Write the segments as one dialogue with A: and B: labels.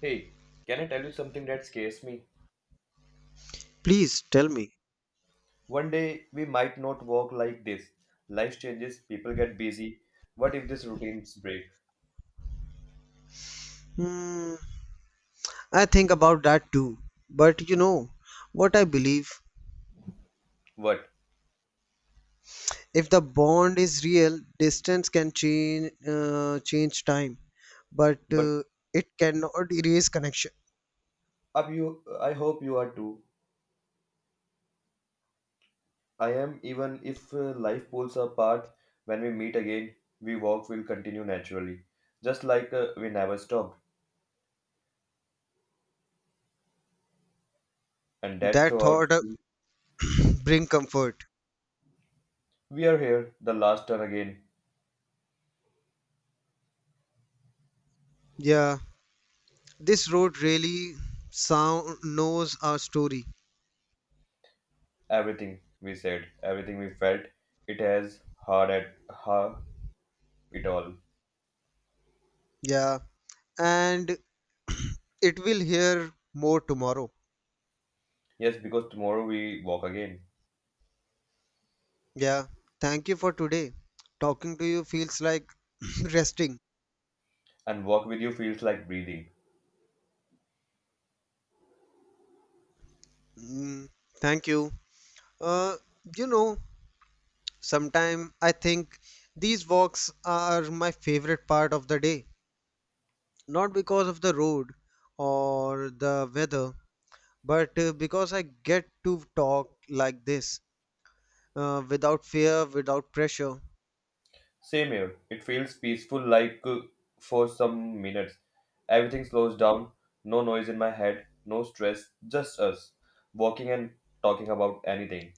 A: Hey, can I tell you something that scares me?
B: Please tell me.
A: One day we might not work like this. Life changes, people get busy. What if this routines break?
B: Hmm, I think about that too. But you know what I believe?
A: What?
B: If the bond is real, distance can change change time, but
A: But
B: it cannot erase connection.
A: up you I hope you are too. I am even if life pulls apart when we meet again, we walk will continue naturally. Just like we never stopped. And that
B: That
A: throughout
B: thought bring comfort.
A: we are here the last turn again.
B: Yeah, this road really sound knows our story.
A: Everything we said, everything we felt, it has hard at ha it all.
B: Yeah, and it will hear more tomorrow.
A: Yes, because tomorrow we walk again,
B: Yeah, thank you for today. Talking to you feels like resting.
A: and walk with you feels like breathing.
B: Mm, thank you. Uh, you know, sometime I think these walks are my favorite part of the day. Not because of the road or the weather, but because I get to talk like this without fear, without pressure.
A: Same here, it feels peaceful like for some minutes. Everything slows down, no noise in my head, no stress, just us walking and talking about anything.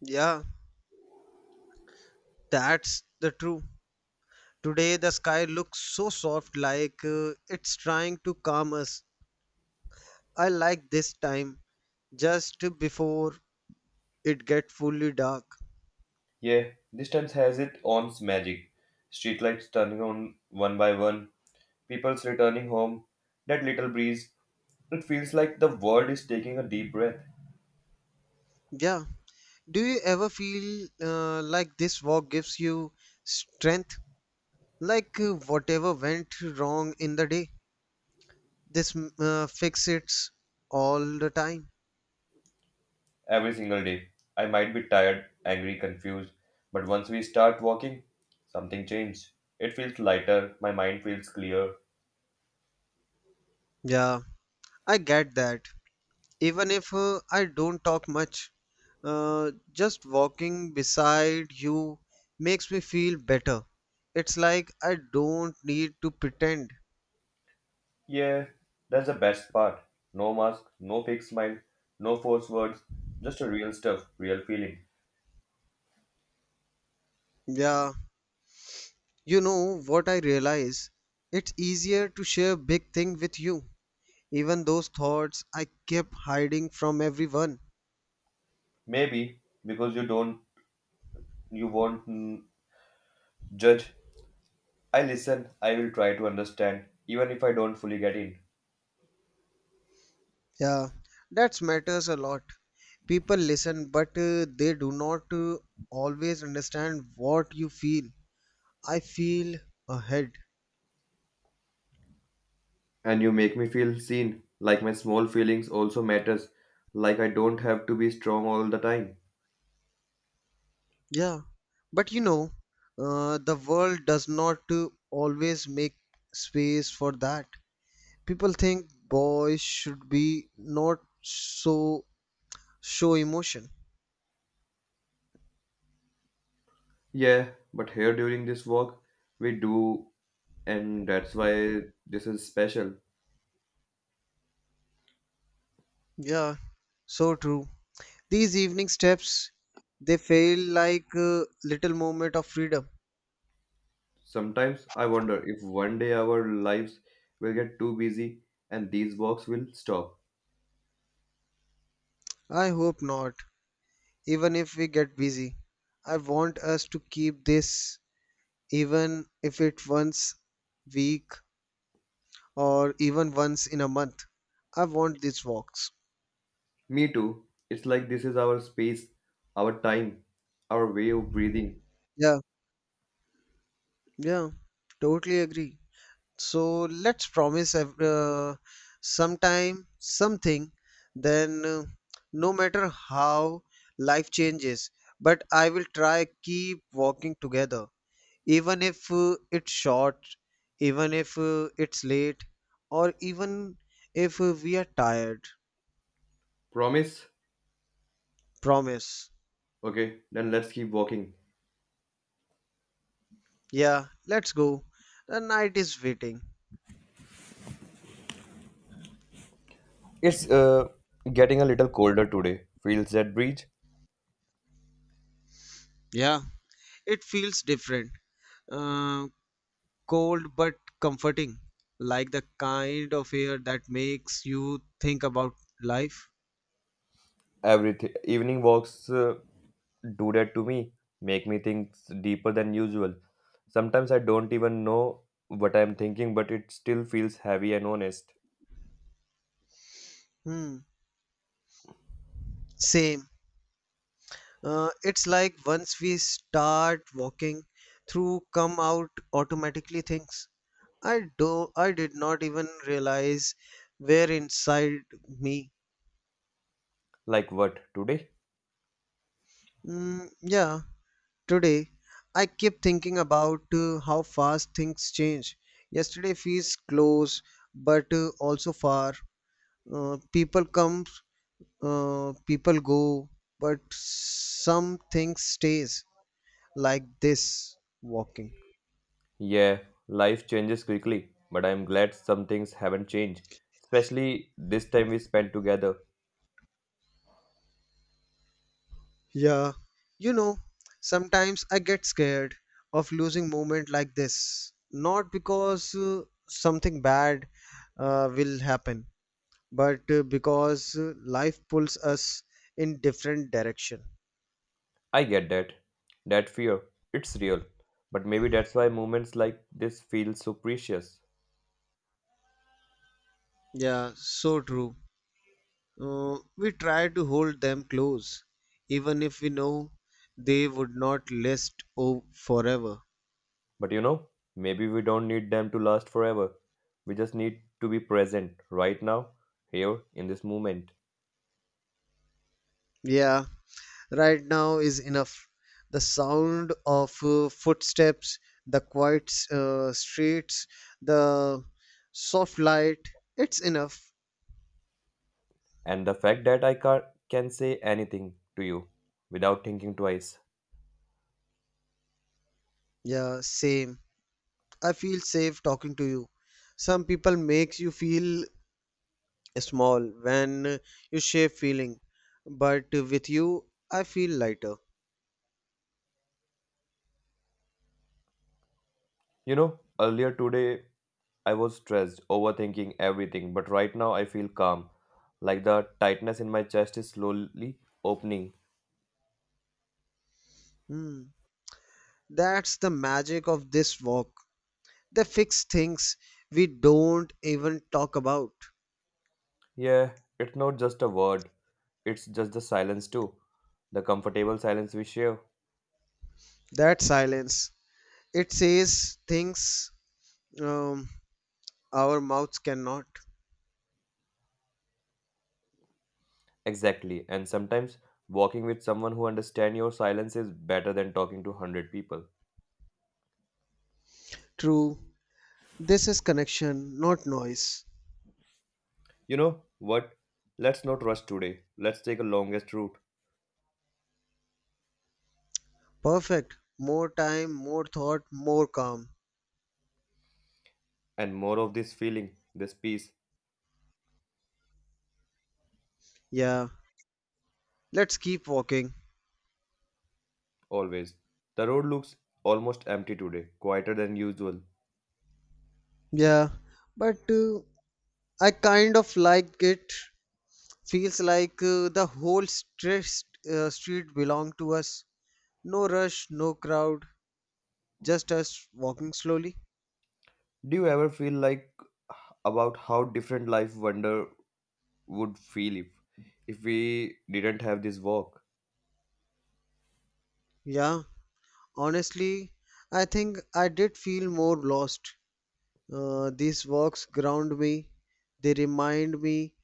B: Yeah, that's the truth. Today the sky looks so soft, like it's trying to calm us. I like this time, just before it gets fully dark.
A: Yeah, this time has its own magic. Streetlights turning on one by one, people's returning home, that little breeze. It feels like the world is taking a deep breath.
B: Yeah. Do you ever feel like this walk gives you strength? Like whatever went wrong in the day, this fix it all the time.
A: Every single day. I might be tired, angry, confused, but once we start walking, something changes. It feels lighter, my mind feels clear.
B: Yeah, I get that. Even if I don't talk much, just walking beside you makes me feel better. It's like I don't need to pretend.
A: Yeah, that's the best part. No mask, no fake smile, no forced words, just a real stuff, real feeling.
B: Yeah, you know what I realize? It's easier to share big thing with you. Even those thoughts I kept hiding from everyone.
A: Maybe because you don't, you won't judge. I listen, I will try to understand, even if I don't fully get in.
B: Yeah, that matters a lot. People listen, but they do not always understand what you feel. I feel ahead.
A: And you make me feel seen, like my small feelings also matters, like I don't have to be strong all the time.
B: Yeah, but the world does not always make space for that. People think boys should be not so show emotion.
A: Yeah, but here during this walk, we do, and that's why this is special.
B: Yeah, so true. These evening steps, they feel like a little moment of freedom.
A: Sometimes I wonder if one day our lives will get too busy and these walks will stop.
B: I hope not, even if we get busy. I want us to keep this even if it once week or even once in a month. I want these walks.
A: Me too. It's like this is our space, our time, our way of breathing.
B: Yeah, yeah, totally agree. So let's sometime something, then no matter how life changes, but I will try keep walking together, even if it's short, even if it's late, or even if we are tired.
A: Promise?
B: Promise.
A: Okay, then let's keep walking.
B: Yeah, let's go. The night is waiting.
A: It's getting a little colder today. Feels that breeze.
B: Yeah, it feels different. Uh, Cold but comforting, like the kind of air that makes you think about life.
A: Every evening walks do that to me, make me think deeper than usual. Sometimes I don't even know what I'm thinking, but it still feels heavy and honest.
B: Hmm. Same. It's like once we start walking through, come out automatically things. I do. I did not even realize were inside me.
A: Like what, today?
B: Mm, yeah. Today, I keep thinking about how fast things change. Yesterday feels close, but also far. People come, people go, but some things stays like this walking.
A: Yeah, life changes quickly, but I'm glad some things haven't changed, especially this time we spent together.
B: Yeah, you know, sometimes I get scared of losing moment like this. Not because something bad will happen, but because life pulls us in different direction.
A: I get that. That fear, it's real. But maybe that's why moments like this feel so precious.
B: Yeah, so true. We try to hold them close, even if we know they would not forever.
A: But maybe we don't need them to last forever. We just need to be present right now, here in this moment.
B: Yeah, right now is enough. The sound of footsteps, the quiet streets, the soft light, it's enough.
A: And the fact that I can say anything to you without thinking twice.
B: Yeah, same. I feel safe talking to you. Some people makes you feel small when you share feeling, but with you, I feel lighter.
A: You know, Earlier today I was stressed, overthinking everything, but right now I feel calm. Like the tightness in my chest is slowly opening.
B: Hmm. That's the magic of this work. They fix things we don't even talk about.
A: Yeah, it's not just a word, it's just the silence too. The comfortable silence we share.
B: That silence. It says things um, our mouths cannot.
A: Exactly. And sometimes walking with someone who understands your silence is better than talking to 100 people.
B: True. This is connection, not noise.
A: You know what? Let's not rush today. Let's take a longest route
B: Perfect. More time, more thought, more calm.
A: and more of this feeling, this peace,
B: Yeah. Let's keep walking.
A: always. The road looks almost empty today, quieter than usual.
B: Yeah. But I kind of like it. Feels like the whole stress, street belonged to us. No rush, no crowd, just us walking slowly.
A: Do you ever feel like about how different life wonder would feel if we didn't have this walk?
B: Yeah, honestly, I think I did feel more lost. These walks ground me, they remind me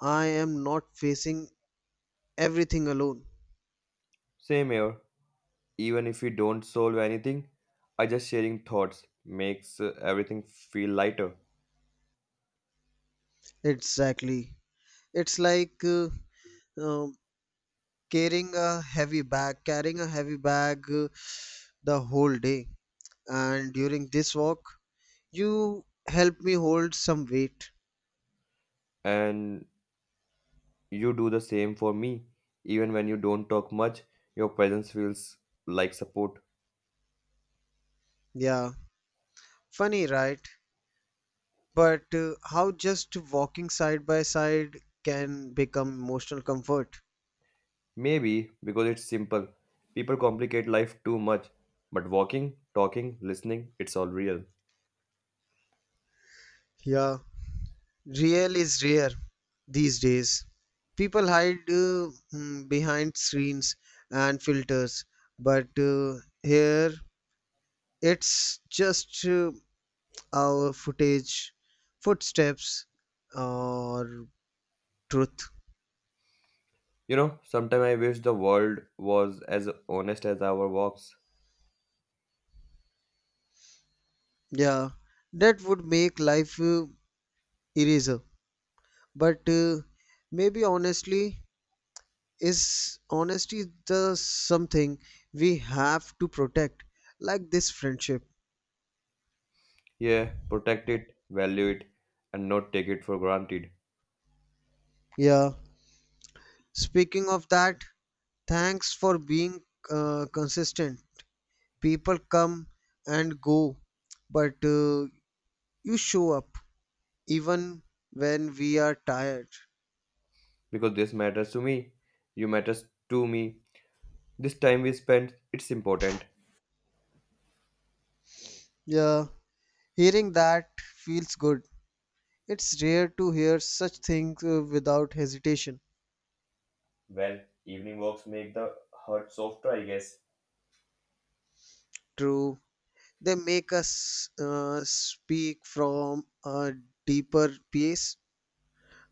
B: I am not facing everything alone.
A: Same here. Even if we don't solve anything, I just sharing thoughts makes everything feel lighter.
B: Exactly. It's like um, carrying a heavy bag, carrying a heavy bag the whole day. And during this walk, you helped me hold some weight.
A: And you do the same for me. Even when you don't talk much, your presence feels like support.
B: Yeah, funny, right? But how just walking side by side can become emotional comfort?
A: Maybe because it's simple. People complicate life too much. But walking, talking, listening, it's all real.
B: Yeah, real is rare these days. People hide behind screens and filters, but here it's just our footsteps, or truth.
A: Sometimes I wish the world was as honest as our walks.
B: Yeah, that would make life eraser. But maybe honestly, is honesty the something we have to protect like this friendship.
A: Yeah, protect it, value it, and not take it for granted.
B: Yeah, speaking of that, thanks for being consistent. People come and go, but you show up even when we are tired.
A: Because this matters to me. You matters to me. This time we spent, it's important.
B: Yeah, hearing that feels good. It's rare to hear such things without hesitation.
A: Well, evening walks make the heart softer, I guess.
B: True. They make us speak from a deeper place,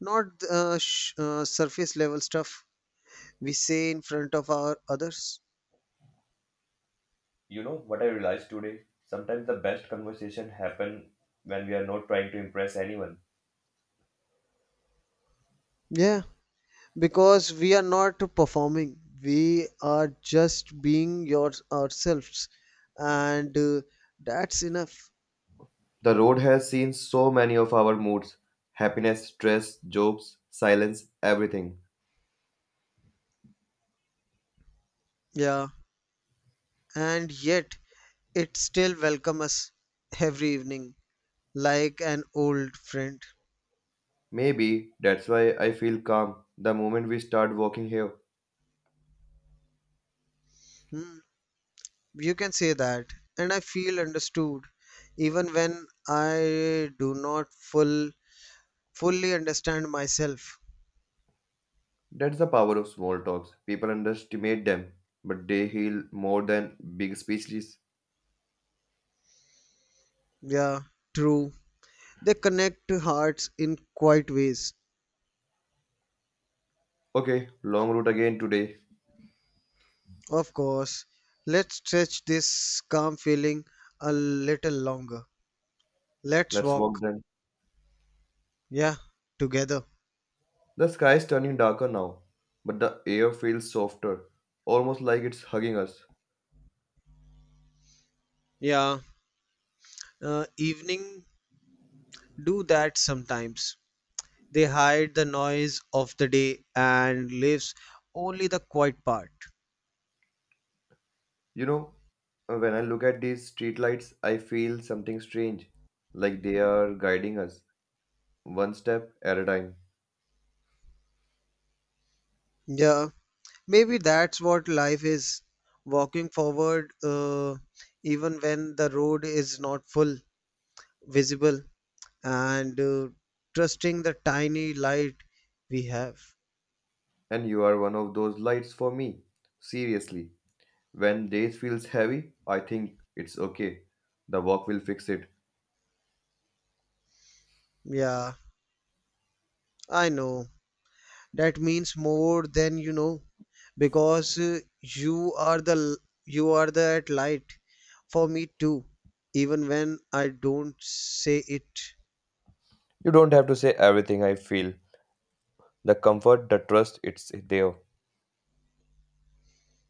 B: not surface level stuff we say in front of our others.
A: You know what I realized today? Sometimes the best conversation happen when we are not trying to impress anyone.
B: Yeah, because we are not performing. We are just being your ourselves, and that's enough.
A: The road has seen so many of our moods happiness, stress, jobs, silence, everything.
B: Yeah, and yet it still welcomes us every evening like an old friend.
A: Maybe that's why I feel calm the moment we start walking here.
B: Hmm. You can say that, and I feel understood even when I do not fully understand myself.
A: That's the power of small talks. People underestimate them, but they heal more than big speeches.
B: Yeah, true. They connect hearts in quiet ways.
A: Okay, long route again today.
B: Of course, let's stretch this calm feeling a little longer. Let's
A: Let's walk
B: walk,
A: then.
B: yeah, together.
A: The sky is turning darker now, but the air feels softer, almost like it's hugging us.
B: Yeah, evening do that sometimes. They hide the noise of the day and leaves only the quiet part.
A: You know, when I look at these streetlights, I feel something strange, like they are guiding us one step at a time.
B: Yeah, maybe that's what life is walking forward, even when the road is not full visible, and trusting the tiny light we have.
A: And you are one of those lights for me. Seriously, when days feels heavy, I think it's okay. The walk will fix it.
B: Yeah, I know. That means more than you know because you are that light for me too, even when I don't say it.
A: You don't have to say everything I feel. The comfort, the trust, it's there.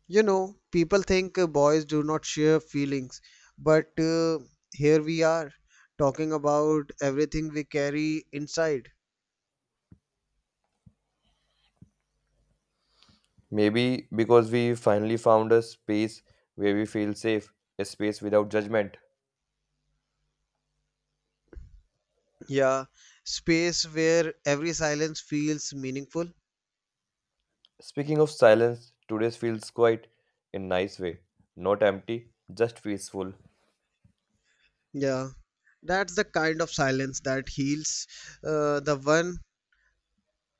B: You know, people think boys do not share feelings, but here we are talking about everything we carry inside.
A: Maybe because we finally found a space where we feel safe, a space without judgment.
B: Yeah, space where every silence feels meaningful.
A: Speaking of silence, today's feels quite in nice way. Not empty, just peaceful.
B: Yeah, that's the kind of silence that heals, the one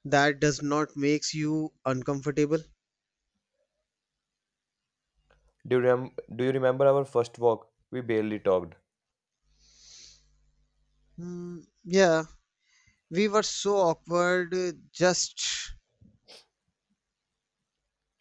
B: that does not makes you uncomfortable.
A: Do you remember our first walk? We barely talked.
B: Hmm, yeah, we were so awkward just